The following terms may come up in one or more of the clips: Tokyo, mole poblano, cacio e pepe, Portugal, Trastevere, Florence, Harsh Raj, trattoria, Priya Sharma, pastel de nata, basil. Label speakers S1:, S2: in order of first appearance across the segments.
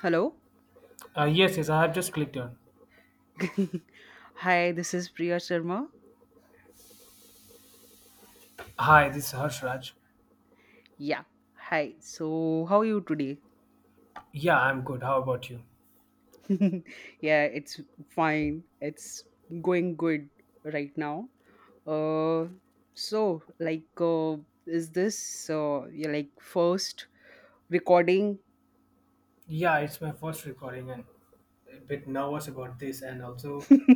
S1: Hello.
S2: Yes, yes, I have just clicked on.
S1: Hi, this is Priya Sharma.
S2: Hi, this is Harsh Raj.
S1: Yeah. Hi. So, how are you today?
S2: Yeah, I'm good. How about you?
S1: Yeah, it's fine. It's going good right now. Uh so like uh, is this like first recording?
S2: Yeah, it's my first recording and a bit nervous about this. And also,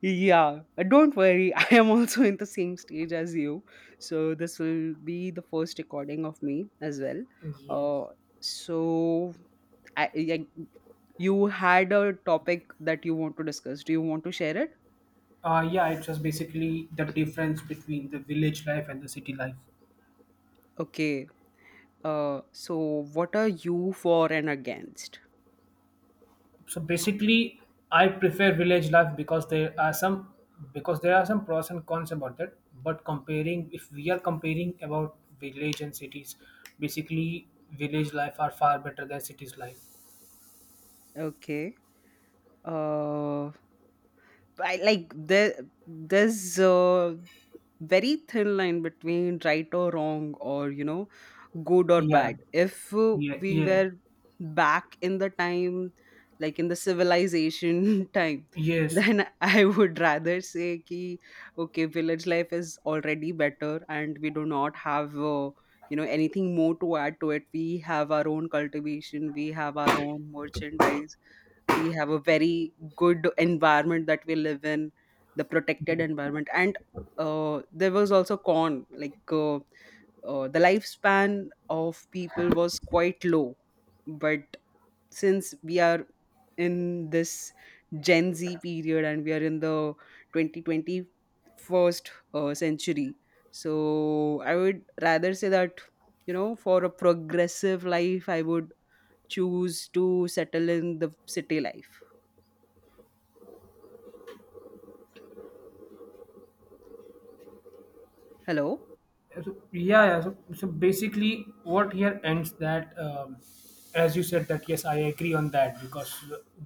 S1: Yeah. Don't worry. I am also in the same stage as you. So, this will be the first recording of me as well. Uh so I, like you had a topic that you want to discuss. Do you want to share it?
S2: yeah, it's just basically the difference between the village life and the city life.
S1: Okay. So what are you for and against?
S2: So basically, I prefer village life because there are some pros and cons about that. But comparing, if we are comparing about village and cities, basically village life are far better than cities life.
S1: Okay. Uh, I like there. There's very thin line between right or wrong, or you know, good or
S2: Yeah,
S1: bad. If
S2: yeah,
S1: we
S2: yeah,
S1: were back in the time, like in the civilization time,
S2: yes.
S1: then I would rather say ki okay, village life is already better, and we do not have you know, anything more to add to it. We have our own cultivation, we have our own merchandise, we have a very good environment that we live in, the protected
S2: Yes.
S1: environment. And there was also con, like the lifespan of people was quite low. But since we are in this Gen Z period, and we are in the twenty twenty first century, so I would rather say that, you know, for a progressive life, I would choose to settle in the city life. Hello?
S2: So, yeah, yeah. So basically, what here ends that, as you said, that yes, I agree on that because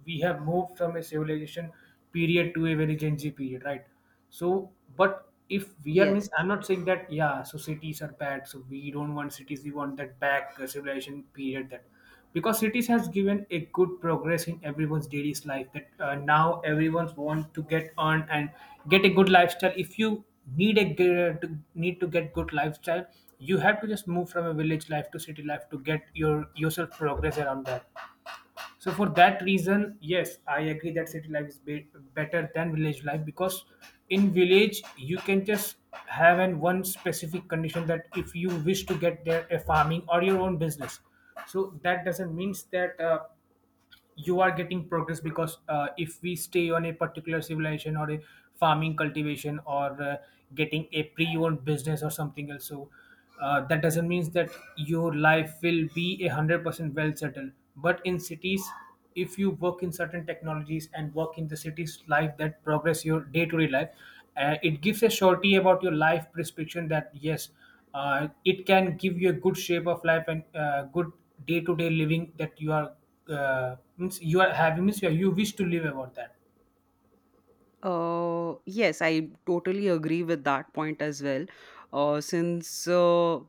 S2: we have moved from a civilization period to a very Gen Z period, right? So, but if we are
S1: Yes.
S2: means, I'm not saying that yeah, so cities are bad, so we don't want cities, we want that back civilization period that. Because cities has given a good progress in everyone's daily life that now everyone's want to get on and get a good lifestyle. If you need to get good lifestyle, you have to just move from a village life to city life to get your yourself progress around that. So for that reason, yes, I agree that city life is better than village life because in village you can just have an one specific condition that if you wish to get there a farming or your own business, so that doesn't means that. You are getting progress because if we stay on a particular civilization or a farming cultivation or getting a pre-owned business or something else, so that doesn't mean that your life will be 100% well settled. But in cities, if you work in certain technologies and work in the city's life that progress your day-to-day life, it gives a surety about your life prescription that yes, it can give you a good shape of life and good day-to-day living that you are, means you are having, means you wish to live about that.
S1: Yes, I totally agree with that point as well. Since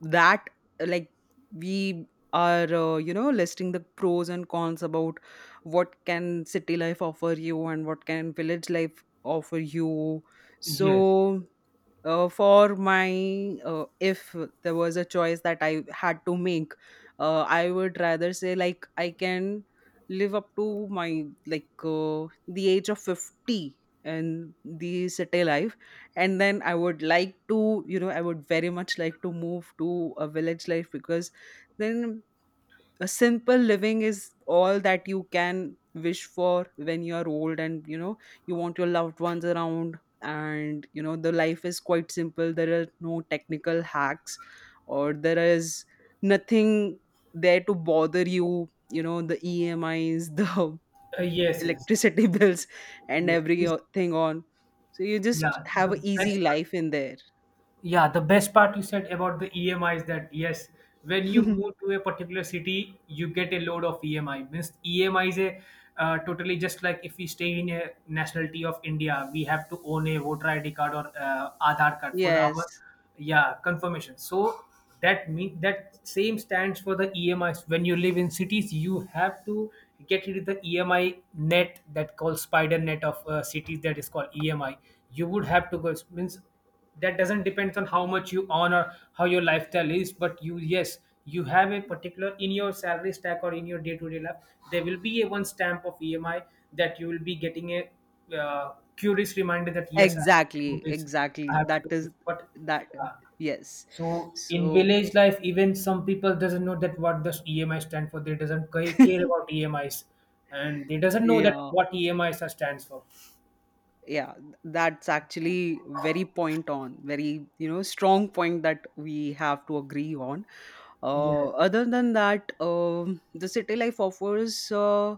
S1: that like We are, you know, listing the pros and cons about what can city life offer you and what can village life offer you.
S2: Yes.
S1: So for my, if there was a choice that I had to make, I would rather say, like I can live up to my, like the age of 50 in the city life, and then I would like to, you know, I would very much like to move to a village life. Because then a simple living is all that you can wish for when you are old, and you know, you want your loved ones around, and you know, the life is quite simple. There are no technical hacks, or there is nothing there to bother you, you know, the EMIs, the
S2: Yes, yes,
S1: electricity bills and
S2: yes.
S1: everything on. So you just
S2: Yeah
S1: have
S2: the
S1: an easy
S2: best
S1: life in
S2: Yeah, the best part you said about the EMI is that yes, when you
S1: there.
S2: move to a particular city, you get a load of EMI. Means EMI is a, totally just like if we stay in a nationality of India, we have to own a voter ID card or Aadhaar card for
S1: Yes.
S2: our, yeah, confirmation. So that mean that same stands for the EMIs. When you live in cities, you have to get rid of the EMI net that called spider net of cities, that is called EMI. You would have to go means that doesn't depend on how much you earn or how your lifestyle is, but you, yes, you have a particular in your salary stack or in your day-to-day life there will be a one stamp of emi that you will be getting a curious reminder that yes, I have to do
S1: Exactly,
S2: this,
S1: exactly.
S2: I have to
S1: That
S2: do
S1: is
S2: this, but
S1: that.
S2: yeah.
S1: Yes.
S2: So in
S1: So,
S2: village life even some people doesn't know that what does emi stand for, they doesn't care about emis, and they doesn't know that
S1: yeah,
S2: what emis are stands for.
S1: yeah. That's actually very point on, very, you know, strong point that we have to agree on.
S2: Yeah.
S1: Other than that, the city life offers, uh,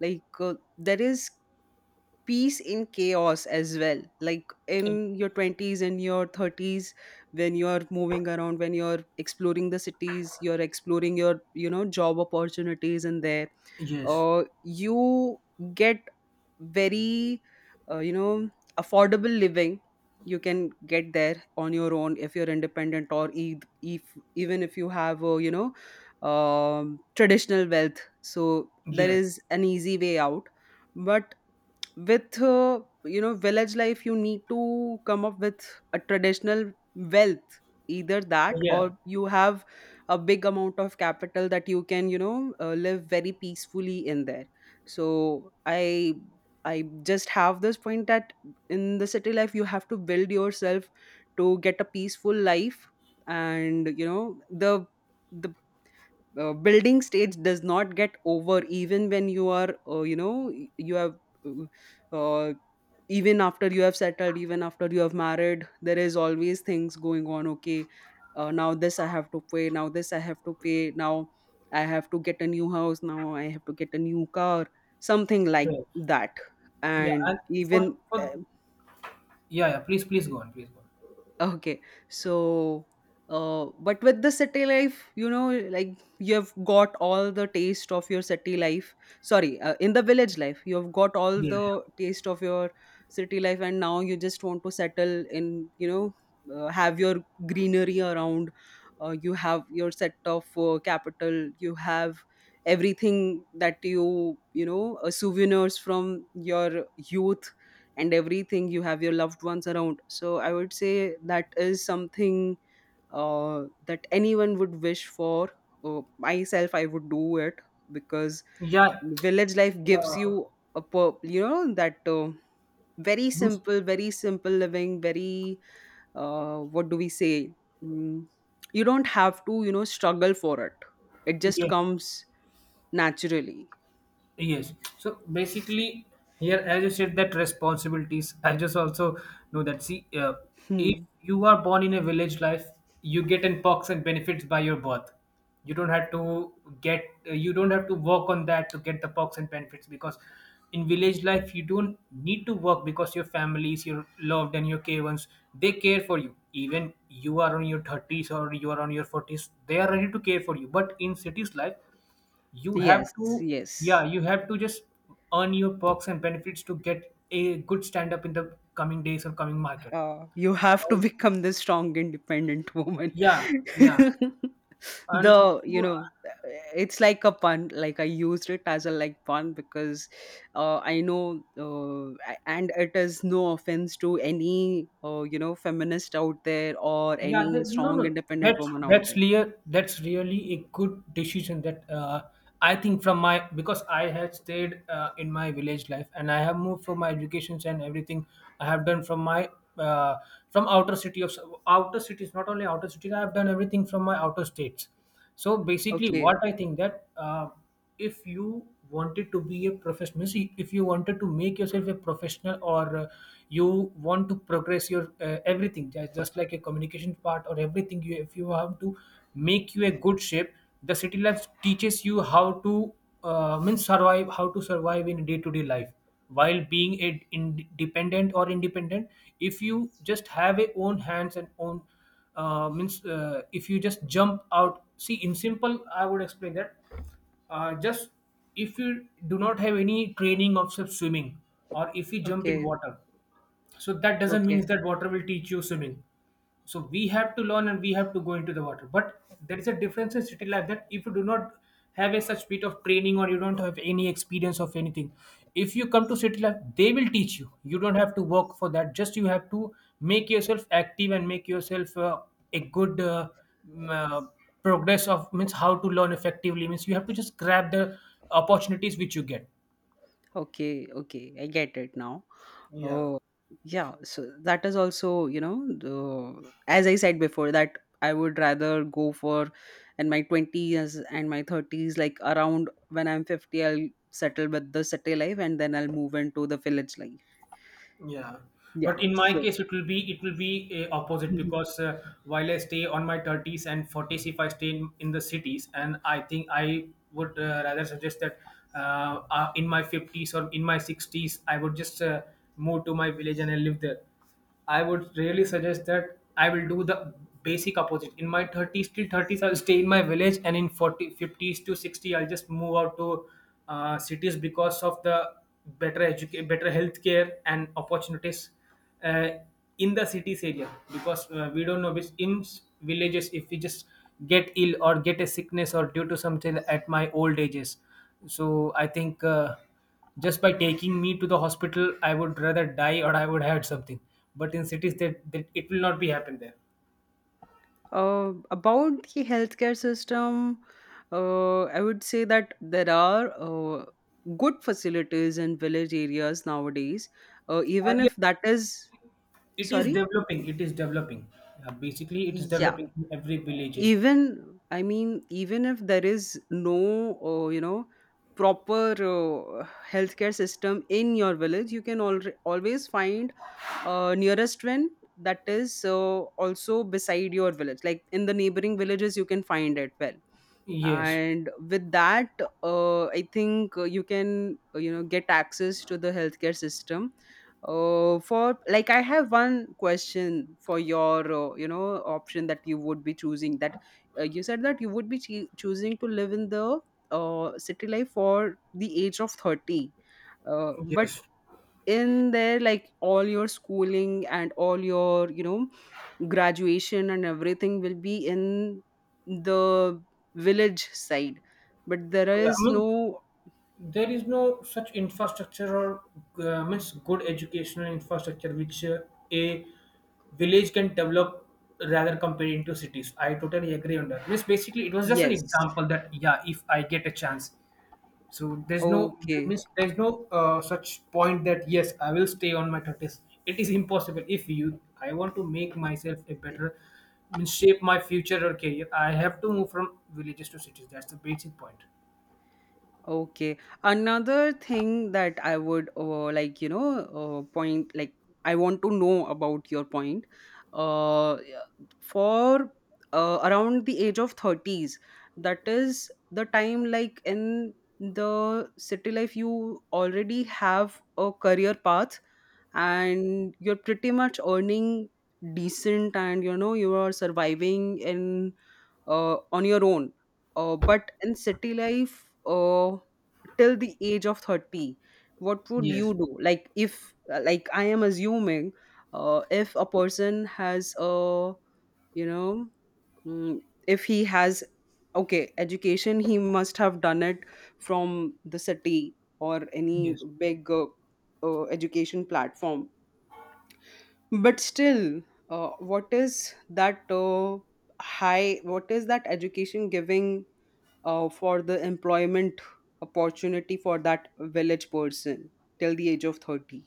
S1: like uh, there is peace in chaos as well, like in your 20s and your 30s, when you're moving around, when you're exploring the cities, you're exploring your, you know, job opportunities in there.
S2: Yes,
S1: You get very you know, affordable living. You can get there on your own if you're independent, or if even if you have a, you know, traditional wealth, so there
S2: yes.
S1: is an easy way out. But with you know, village life, you need to come up with a traditional wealth, either that
S2: Yeah,
S1: or you have a big amount of capital that you can, you know, live very peacefully in there. So I just have this point that in the city life you have to build yourself to get a peaceful life. And you know, the building stage does not get over even when you are, you know, you have uh, uh, even after you have settled, even after you have married, there is always things going on. Okay, now this I have to pay, now this I have to pay, now I have to get a new house, now I have to get a new car, something like
S2: yeah,
S1: that.
S2: yeah.
S1: And
S2: And for
S1: even
S2: for yeah, yeah. Please, please go on. Please go on.
S1: Okay. So, but with the city life, you know, like you have got all the taste of your city life. Sorry, in the village life, you have got all
S2: Yeah,
S1: the taste of your city life, and now you just want to settle in, you know, have your greenery around. You have your set of capital. You have everything that you know, souvenirs from your youth and everything. You have your loved ones around, so I would say that is something that anyone would wish for. Myself, I would do it because
S2: yeah.
S1: village life
S2: Yeah.
S1: gives you a you know, that very
S2: Those-
S1: simple, very simple living, very what do we say, mm, you don't have to, you know, struggle for it. It just
S2: yeah.
S1: comes naturally.
S2: Yes. So basically, here, as you said, that responsibilities. I just also know that. See, if
S1: Hmm.
S2: you are born in a village life, you get in perks and benefits by your birth. You don't have to get. You don't have to work on that to get the perks and benefits because in village life you don't need to work because your families, your loved and your care ones, they care for you. Even you are on your 30s or you are on your 40s, they are ready to care for you. But in cities life you have
S1: Yes,
S2: to, yeah,
S1: yes.
S2: you have to just earn your perks and benefits to get a good stand up in the coming days or coming market.
S1: You have
S2: And
S1: to
S2: also,
S1: become the strong, independent woman.
S2: yeah, yeah, and
S1: The, you
S2: also.
S1: know, it's like a pun, like I used it as a like pun because I know, and it is no offense to any, you know, feminist out there or
S2: Yeah,
S1: any
S2: no,
S1: strong
S2: no,
S1: independent
S2: that's
S1: woman out
S2: that's
S1: there.
S2: clear. That's really a good decision that, I think, from my, because I had stayed in my village life and I have moved from my educations, and everything I have done from my, uh, from outer city of outer cities, not only outer cities, I have done everything from my outer states. So basically,
S1: okay
S2: what I think that. If you wanted to be a professional, see, if you wanted to make yourself a professional or you want to progress your everything, just like a communication part or everything, you if you have to make you a good shape, the city life teaches you how to means survive, how to survive in day-to-day life while being a independent, if you just have a own hands and own, means, if you just jump out, see, in simple I would explain that, just, if you do not have any training of swimming, or if you jump in
S1: okay
S2: water, so that doesn't mean
S1: okay,
S2: that water will teach you swimming. So we have to learn, and we have to go into the water, but there is a difference in city life that if you do not have a such bit of training, or you don't have any experience of anything, if you come to city life they will teach you. You don't have to work for that, just you have to make yourself active and make yourself a good, mm, uh, progress of means how to learn effectively, means you have to just grab the opportunities which you get.
S1: okay, okay I get it now.
S2: Yeah.
S1: Oh, yeah. So that is also, you know, the, as I said before, that I would rather go for in my 20s and my 30s, like around when I'm 50, I'll settle with the city life and then I'll move into the village life.
S2: Yeah,
S1: Yeah.
S2: but in my
S1: So,
S2: case, it will be a opposite
S1: mhm,
S2: because, while I stay on my 30s and 40s, if I stay in the cities, and I think I would rather suggest that in my 50s or in my 60s, I would just move to my village and I live there. I would really suggest that I will do the basic opposite. In my 30s till 30s, I'll stay in my village, and in 40, fifties to 60, I'll just move out to cities because of the better education, better healthcare and opportunities uh, in the cities area. Because we don't know which in villages, if we just get ill or get a sickness or due to something at my old ages. So I think. Just by taking me to the hospital, I would rather die or I would had something. But in cities, that it will not be happen there.
S1: about the healthcare system, I would say that there are good facilities in village areas nowadays, even
S2: Yeah,
S1: if that is,
S2: it is
S1: sorry.
S2: developing. It is developing. Basically, it is
S1: Yeah,
S2: developing in every villages.
S1: even I mean, even if there is no, you know, proper healthcare system in your village, you can always find nearest one that is also beside your village. Like in the neighboring villages, you can find it well.
S2: Yes,
S1: And with that, I think you can, you know, get access to the healthcare system. Uh, for like, I have one question for your, you know, option that you would be choosing, that you said that you would be choosing to live in the city life for the age of 30, but
S2: yes.
S1: in there, like all your schooling and all your, you know, graduation and everything will be in the village side, but there
S2: Yeah, I
S1: is
S2: mean,
S1: no.
S2: there is no such infrastructure or means good educational infrastructure, which a village can develop rather comparing to cities. I totally agree on that. Means basically, it was just an
S1: Yes.
S2: example that yeah, if I get a chance. So
S1: Okay.
S2: there's no such point that yes, I will stay on my 30s. It is impossible. If you I want to make myself a better, means shape my future or career, I have to move from villages to cities. That's the basic point.
S1: Okay. Another thing that I would, like, you know, point, like I want to know about your point. Yeah, for around the age of 30s, that is the time, like in the city life, you already have a career path and you're pretty much earning decent, and you know, you are surviving in, on your own. But in city life, till the age of 30, what would you
S2: Yes.
S1: do? Like, if, like, I am assuming if a person has a, you know, mm, if he has, okay, education, he must have done it from the city or any
S2: Yes.
S1: big, education platform. But still, what is that what is that education giving for the employment opportunity for that village person till the age of 30?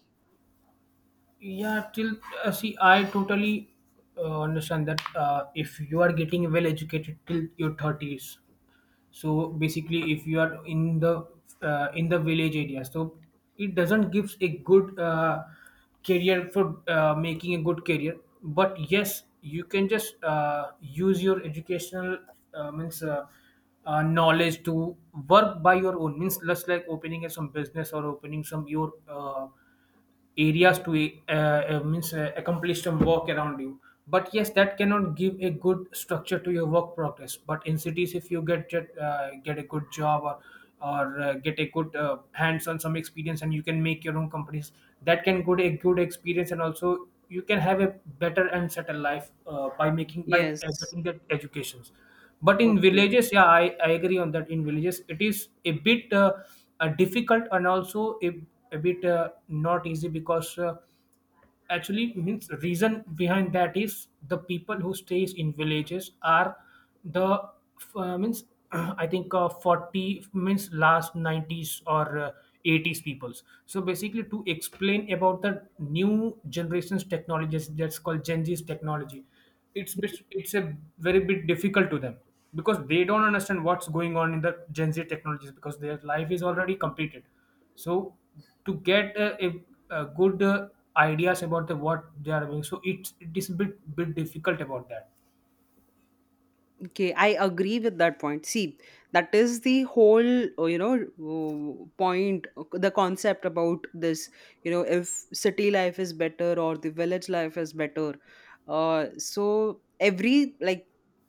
S2: Yeah, till see, I totally understand that if you are getting well educated till your 30s, so basically if you are in the village area, so it doesn't gives a good career for making a good career, but yes, you can just use your educational means knowledge to work by your own means, just like opening a, some business, or opening some your areas to means accomplish some work around you. But yes, that cannot give a good structure to your work progress. But in cities, if you get a good job, or or get a good hands on some experience, and you can make your own companies, that can good a good experience, and also you can have a better and settled life by making by
S1: Yes.
S2: getting that educations. But in
S1: Okay,
S2: villages, yeah, I agree on that. In villages, it is a bit difficult, and also a bit not easy because actually means reason behind that is the people who stays in villages are the means I think 40 means last 90s, or 80s peoples. So basically, to explain about the new generations technologies, that's called Gen Z's technology, it's a very bit difficult to them because they don't understand what's going on in the Gen Z technologies because their life is already completed. So to get a good ideas about what they are doing, so it is a bit difficult about that.
S1: okay, I agree with that point. See, that is the whole, you know, point, the concept about this, you know, if city life is better or the village life is better. So every like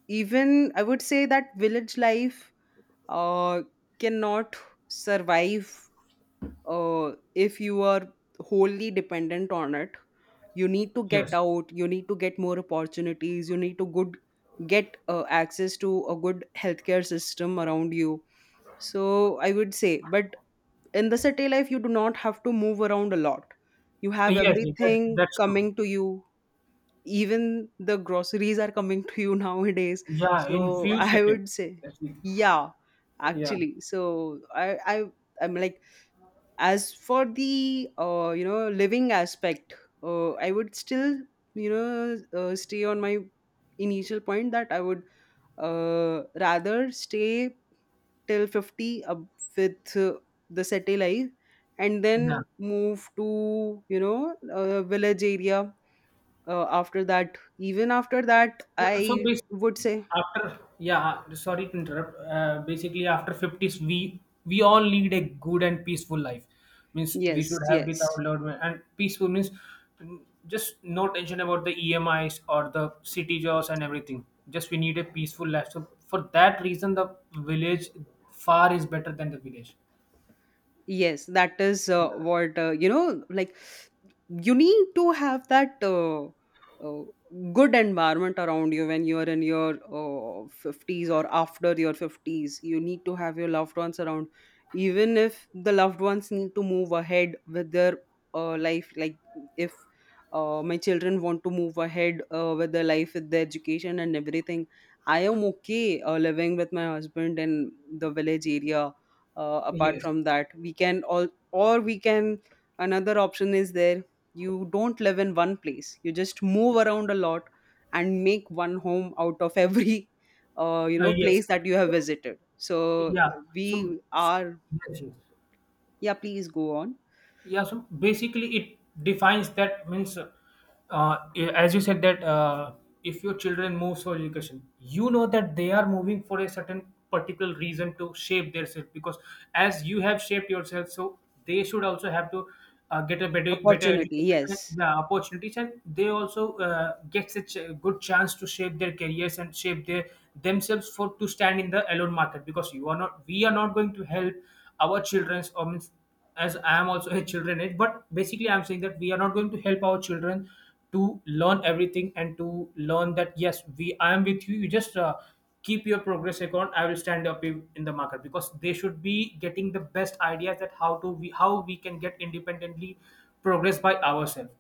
S1: Even I would say that village life uh cannot survive if you are wholly dependent on it. You need to get
S2: Yes,
S1: out, you need to get more opportunities, you need to good get access to a good healthcare system around you. So I would say. But in the city life, you do not have to move around a lot. You have
S2: yes,
S1: everything
S2: that's true.
S1: coming to you. Even the groceries are coming to you nowadays.
S2: Yeah,
S1: So
S2: in few
S1: I
S2: seconds.
S1: would say,
S2: That's it.
S1: yeah.
S2: Yeah,
S1: Actually, so I'm like, as for the, you know, living aspect, I would still, you know, stay on my initial point that I would, rather stay till 50 up with the city life, and
S2: yeah.
S1: then move to, you know, a village area after that. Even after that,
S2: Yeah, so
S1: I would
S2: basically,
S1: say
S2: after yeah, sorry to interrupt. Basically, after fifties, we all lead a good and peaceful life. Means we
S1: yes,
S2: should have with
S1: yes.
S2: our loved one and peaceful means mm, just no tension about the EMIs or the city jobs and everything. Just we need a peaceful life. So for that reason, the village far is better than the village.
S1: Yes, that is
S2: Yeah.
S1: what, you know, like you need to have that, uh, good environment around you when you are in your, 50s, or after your 50s you need to have your loved ones around. Even if the loved ones need to move ahead with their, life, like if my children want to move ahead, with their life, with their education and everything, I am okay, living with my husband in the village area. Apart
S2: Yes.
S1: from that, we can all, or we can, another option is there: you don't live in one place, you just move around a lot, and make one home out of every you know,
S2: Yes.
S1: place that you have
S2: So,
S1: visited. So
S2: yeah.
S1: we
S2: So
S1: are,
S2: yes, yes.
S1: yeah, please go on.
S2: Yeah, so basically, it defines that means yeah, as you said that, if your children moves for education, you know that they are moving for a certain particular reason to shape themselves, because as you have shaped yourself, so they should also have to get a better
S1: Opportunity,
S2: education, and
S1: yes.
S2: yeah, opportunities, and they also get such a good chance to shape their careers and shape their themselves for to stand in the alone market, because you are not we are not going to help our children's or means, as I am also a children age, but basically I'm saying that we are not going to help our children to learn everything, and to learn that yes, we I am with you. You just keep your progress account. I will stand up in the market, because they should be getting the best ideas that how to we how we can get independently progress by ourselves.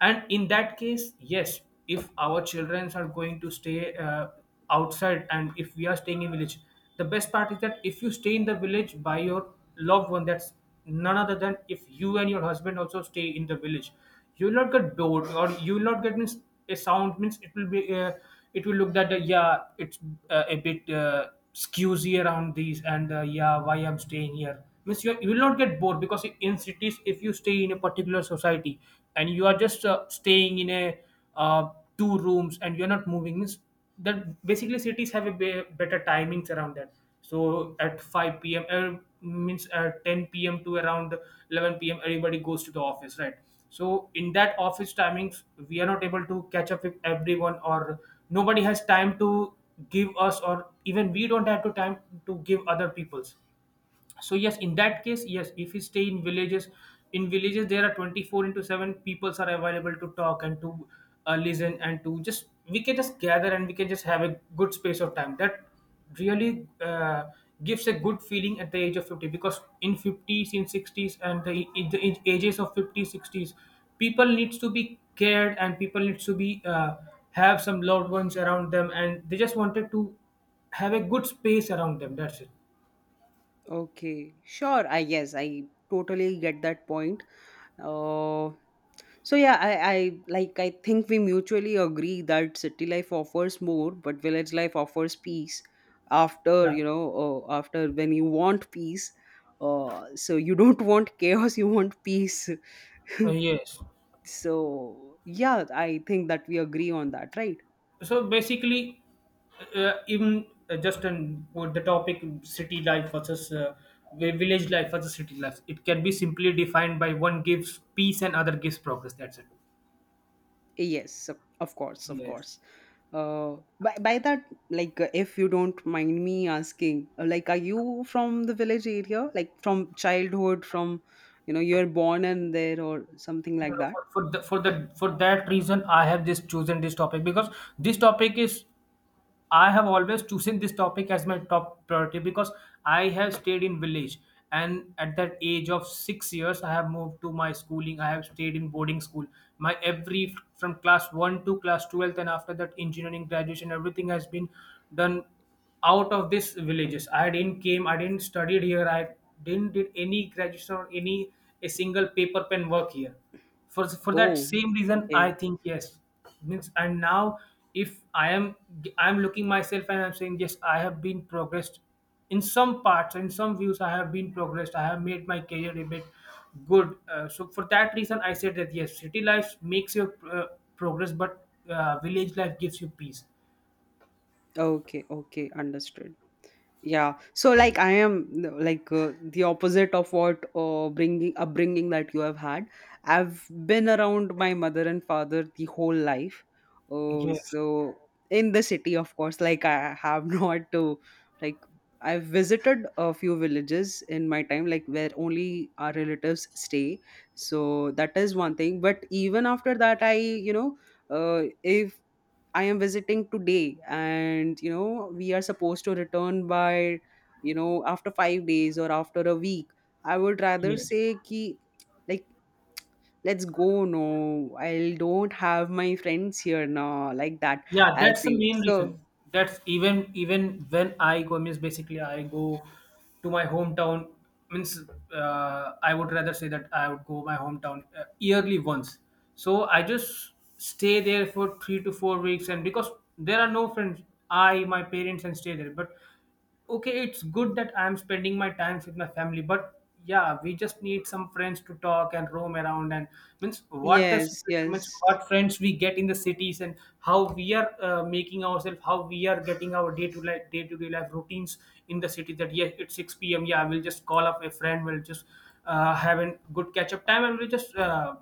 S2: And in that case, yes, if our children are going to stay outside, and if we are staying in village, the best part is that if you stay in the village by your loved one, that's none other than if you and your husband also stay in the village, you will not get bored, or you will not get means, a sound means it will be it will look that yeah, it's a bit skewsy around these, and yeah, why I'm staying here means you will not get bored, because in cities, if you stay in a particular society, and you are just staying in a uh, two rooms, and you're not moving means that basically cities have a better timings around that. So at 5 p.m. Means at 10 p.m. to around 11 p.m. everybody goes to the office, right? So in that office timings, we are not able to catch up with everyone, or nobody has time to give us, or even we don't have to time to give other people's. So yes, in that case, yes, if you stay in villages, in villages there are 24 into 7 peoples are available to talk, and to listen, and to just we can just gather, and we can just have a good space of time that really gives a good feeling at the age of 50. Because in 50s in 60s and in the in ages of 50s 60s people needs to be cared, and people needs to be have some loved ones around them, and they just wanted to have a good space around them. That's it.
S1: Okay, sure, I guess I totally get that point. uh So yeah, I I think we mutually agree that city life offers more, but village life offers peace. After
S2: Yeah.
S1: you know, uh, after when you want peace, so you don't want chaos, you want peace.
S2: Yes.
S1: So yeah, I think that we agree on that, right?
S2: So basically, even just on with the topic city life versus village life versus city life, it can be simply defined by one gives peace and other gives progress. That's it.
S1: Yes, of course, of
S2: Yes.
S1: course. By that, like, if you don't mind me asking, like, are you from the village area? Like, from childhood, from, you know, you're born in there or something
S2: No,
S1: like
S2: no,
S1: that?
S2: for the, for the for that reason, I have just chosen this topic because this topic is I have always chosen this topic as my top priority, because I have stayed in village, and at that age of 6 years I have moved to my schooling. I have stayed in boarding school, my every from class 1 to class 12, and after that engineering graduation, everything has been done out of these villages. I didn't came, I didn't studied here, I didn't did any graduation or any a single paper pen work here. For that
S1: Oh,
S2: same reason, I
S1: okay.
S2: think yes, means and now if I am I'm looking myself, and I'm saying yes, I have been progressed in some parts, in some views, I have been progressed, I have made my career a bit good, so for that reason I said that yes, city life makes your progress, but village life gives you peace.
S1: Okay, okay, understood. Yeah. So like I am like the opposite of what bringing upbringing that you have had. I've been around my mother and father the whole life. Uh,
S2: Yes.
S1: so in the city, of course, like I have not to like I've visited a few villages in my time, like where only our relatives stay. So that is one thing. But even after that, if I am visiting today, and you know, we are supposed to return by, you know, after 5 days or after a week. I would rather
S2: Yes.
S1: say, ki, like, let's go. No, I don't have my friends here now, like that.
S2: Yeah,
S1: I'll
S2: that's the
S1: say
S2: main reason.
S1: so.
S2: That's even when I go means, basically I go to my hometown, means I would rather say that I would go my hometown yearly once. So I just stay there for 3 to 4 weeks, and because there are no friends, I my parents and stay there, but okay, it's good that I'm spending my time with my family, but yeah, we just need some friends to talk and roam around, and means what the
S1: Yes,
S2: situation means
S1: yes,
S2: what friends we get in the cities, and how we are making ourselves, how we are getting our day to life day to day life routines in the city, that yeah, it's 6 p.m. yeah, we'll just call up a friend, we'll just have a good catch up time, and we'll just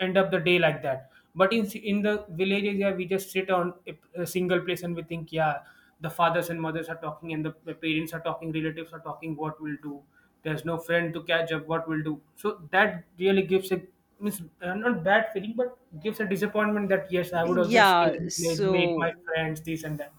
S2: end up the day like that. But in the village area, we just sit on a single place, and we think, yeah, the fathers and mothers are talking, and the parents are talking, relatives are talking. What we'll do? There's no friend to catch up. What we'll do? So that really gives a means not bad feeling, but gives a disappointment that yes, I would also stay
S1: yeah.
S2: in village, meet my
S1: So
S2: friends, this and that.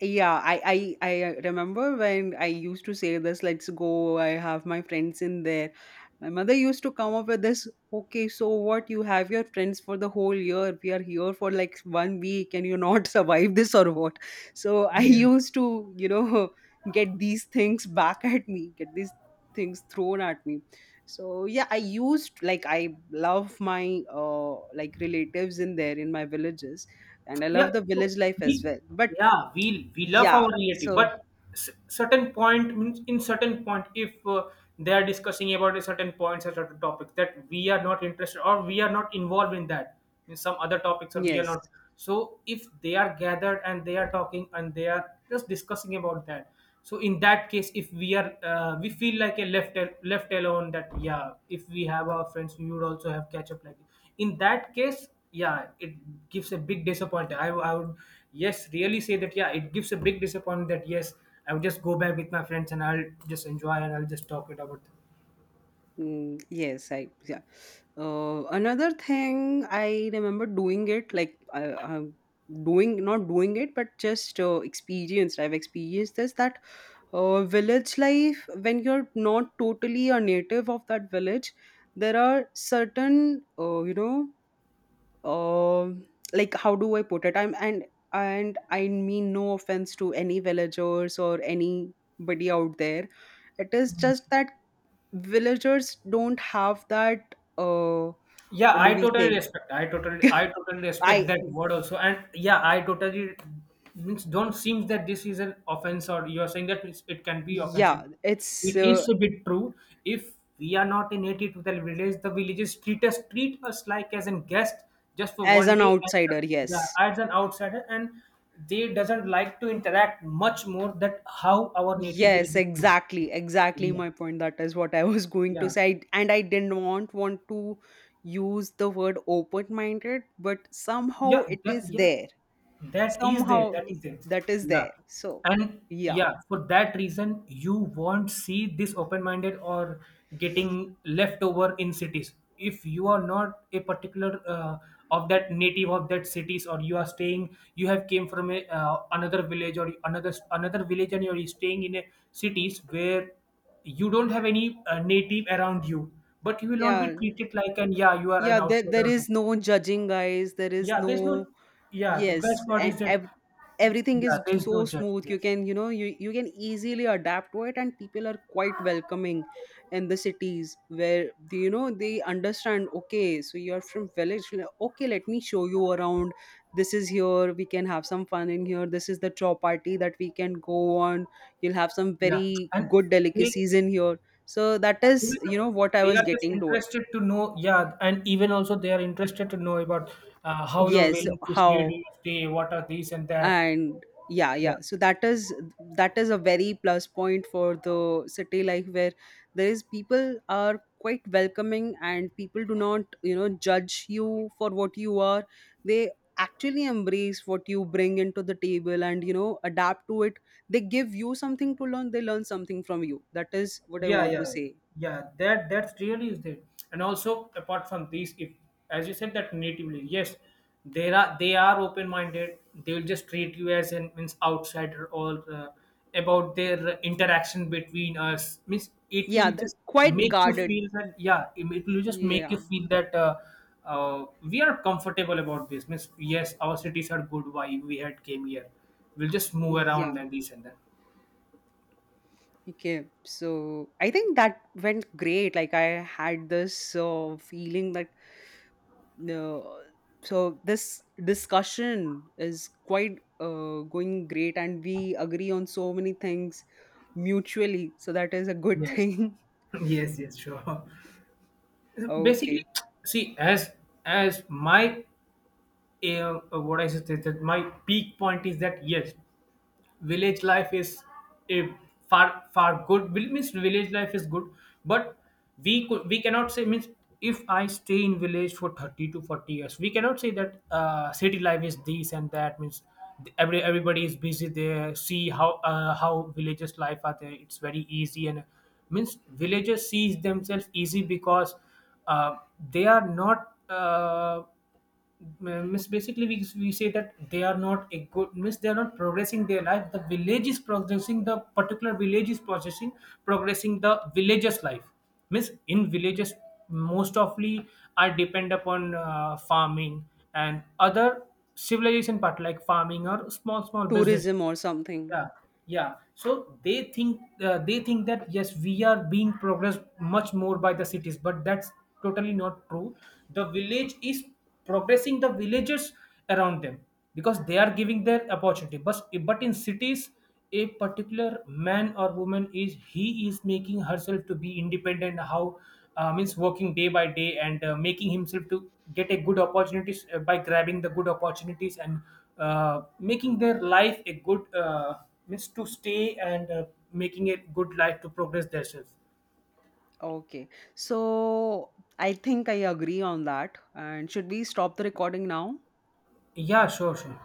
S1: yeah, I remember when I used to say this, let's go, I have my friends in there. My mother used to come up with this, okay, so what? You have your friends for the whole year. We are here for like one week and you not survive this or what? So I
S2: Yeah.
S1: used to, you know, get these things back at me, get these things thrown at me. So yeah, I used like I love my like relatives in there in my villages and I
S2: Yeah,
S1: love the
S2: so
S1: village life as
S2: we
S1: well. But
S2: yeah, we love
S1: yeah.
S2: our relative,
S1: So
S2: but certain point means in certain point if they are discussing about a certain points or certain topics that we are not interested, or we are not involved in that, in some other topics, or we are
S1: yes,
S2: not. So if they are gathered and they are talking and they are just discussing about that, so in that case if we are we feel like a left left alone that yeah, if we have our friends, we would also have catch up like. In that case, yeah, it gives a big disappointment. I would yes really say that yeah, it gives a big disappointment that yes, I would just go back with my friends, and I'll just enjoy, and I'll just talk it about.
S1: mm, yes. I yeah. Another thing I remember doing it like I doing not doing it, but just experienced. I've experienced this that village life when you're not totally a native of that village. There are certain you know um like how do I put it I'm and I mean no offense to any villagers or anybody out there, it is just that villagers don't have that
S2: Yeah,
S1: what do
S2: I
S1: we
S2: totally
S1: say.
S2: respect, I totally I totally
S1: I
S2: respect that word also, and yeah, I totally means don't seem that this is an offense, or you are saying that it can be offensive.
S1: yeah it's
S2: It is a bit true. If we are not a native to the village, the villages treat us like as a guest just for
S1: as
S2: one
S1: an
S2: day and
S1: outsider. Yes,
S2: yeah, as an outsider, and they doesn't like to interact much more that how our native
S1: yes,
S2: villages do.
S1: exactly, exactly my
S2: Yeah.
S1: point. That is what I was going to
S2: Yeah.
S1: say, I- and I didn't want to use the word open minded, but
S2: Yeah,
S1: somehow it
S2: that,
S1: is
S2: yeah,
S1: there,
S2: that is there, that
S1: somehow
S2: is there.
S1: that is
S2: Yeah.
S1: there. So
S2: And
S1: yeah,
S2: yeah, for that reason, you won't see this open-minded, or getting left over in cities, if you are not a particular of that native of that cities, or you are staying you have came from a another village, or another village, and you're staying in a cities where you don't have any native around you, but you will not be
S1: yeah,
S2: treated like an yeah, you are an
S1: yeah, there
S2: outsider.
S1: is no judging guys, there is
S2: Yeah, there's
S1: no.
S2: no. Yeah, the best
S1: Yes,
S2: part
S1: and
S2: is that.
S1: ev- everything
S2: Yeah,
S1: is
S2: there's no
S1: so
S2: judge.
S1: smooth. You
S2: Yes.
S1: can, you know, you can easily adapt to it, and people are quite welcoming in the cities where they, you know, they understand. Okay, so you are from village. Le- okay, let me show you around. This is here. We can have some fun in here. This is the chopati that we can go on. You'll have some
S2: Yeah,
S1: very
S2: and
S1: good
S2: they
S1: delicacies in here. So that
S2: yeah,
S1: is, you know, what I
S2: they
S1: was
S2: are just
S1: getting to it.
S2: interested to know. Yeah, and even also they are interested to know about how your
S1: Yes,
S2: wellness is. Where do
S1: how?
S2: you stay? What are these and that?
S1: And yeah,
S2: Yeah.
S1: yeah, so that is a very plus point for the city life where there is people are quite welcoming and people do not, you know, judge you for what you are. They actually embrace what you bring into the table and you know adapt to it. They give you something to learn, they learn something from you. That is what I
S2: Yeah,
S1: want to
S2: yeah,
S1: say.
S2: yeah, that that's really is it. And also apart from these, if as you said that natively, yes, there are they are open-minded, they'll just treat you as an means outsider, or about their interaction between us means it
S1: Yeah,
S2: will
S1: the,
S2: just
S1: quite
S2: make you
S1: guarded.
S2: feel that yeah, it will just make
S1: Yeah,
S2: you feel that we are comfortable about this means yes, our cities are good, why we had came here, we'll just move
S1: yeah.
S2: around and this and that.
S1: Okay, so I think that went great. Like I had this feeling that uh, so this discussion is quite going great, and we agree on so many things mutually. So that is a good
S2: Yes.
S1: thing.
S2: Yes, yes, sure.
S1: Okay,
S2: Basically, see, as my what I said that that my peak point is that yes, village life is a far far good means village life is good, but we cannot say means if I stay in village for 30 to 40 years, we cannot say that city life is this and that means every everybody is busy there. See how villages life are there, it's very easy, and means villagers sees themselves easy because uh, they are not miss basically we say that they are not a good miss, they are not progressing their life, the village is progressing, the particular village is processing progressing the villager's life miss. In villages, most often, are depend upon farming and other civilization part like farming, or small small business.
S1: tourism or something.
S2: Yeah. Yeah, so they think that yes, we are being progressed much more by the cities, but that's totally not true. The village is progressing the villagers around them, because they are giving their opportunity, but in cities, a particular man or woman is he is making herself to be independent, how means working day by day, and making himself to get a good opportunities by grabbing the good opportunities, and making their life a good means to stay, and making a good life to progress themselves.
S1: Okay, so I think I agree on that. And should we stop the recording now?
S2: Yeah, sure, sure.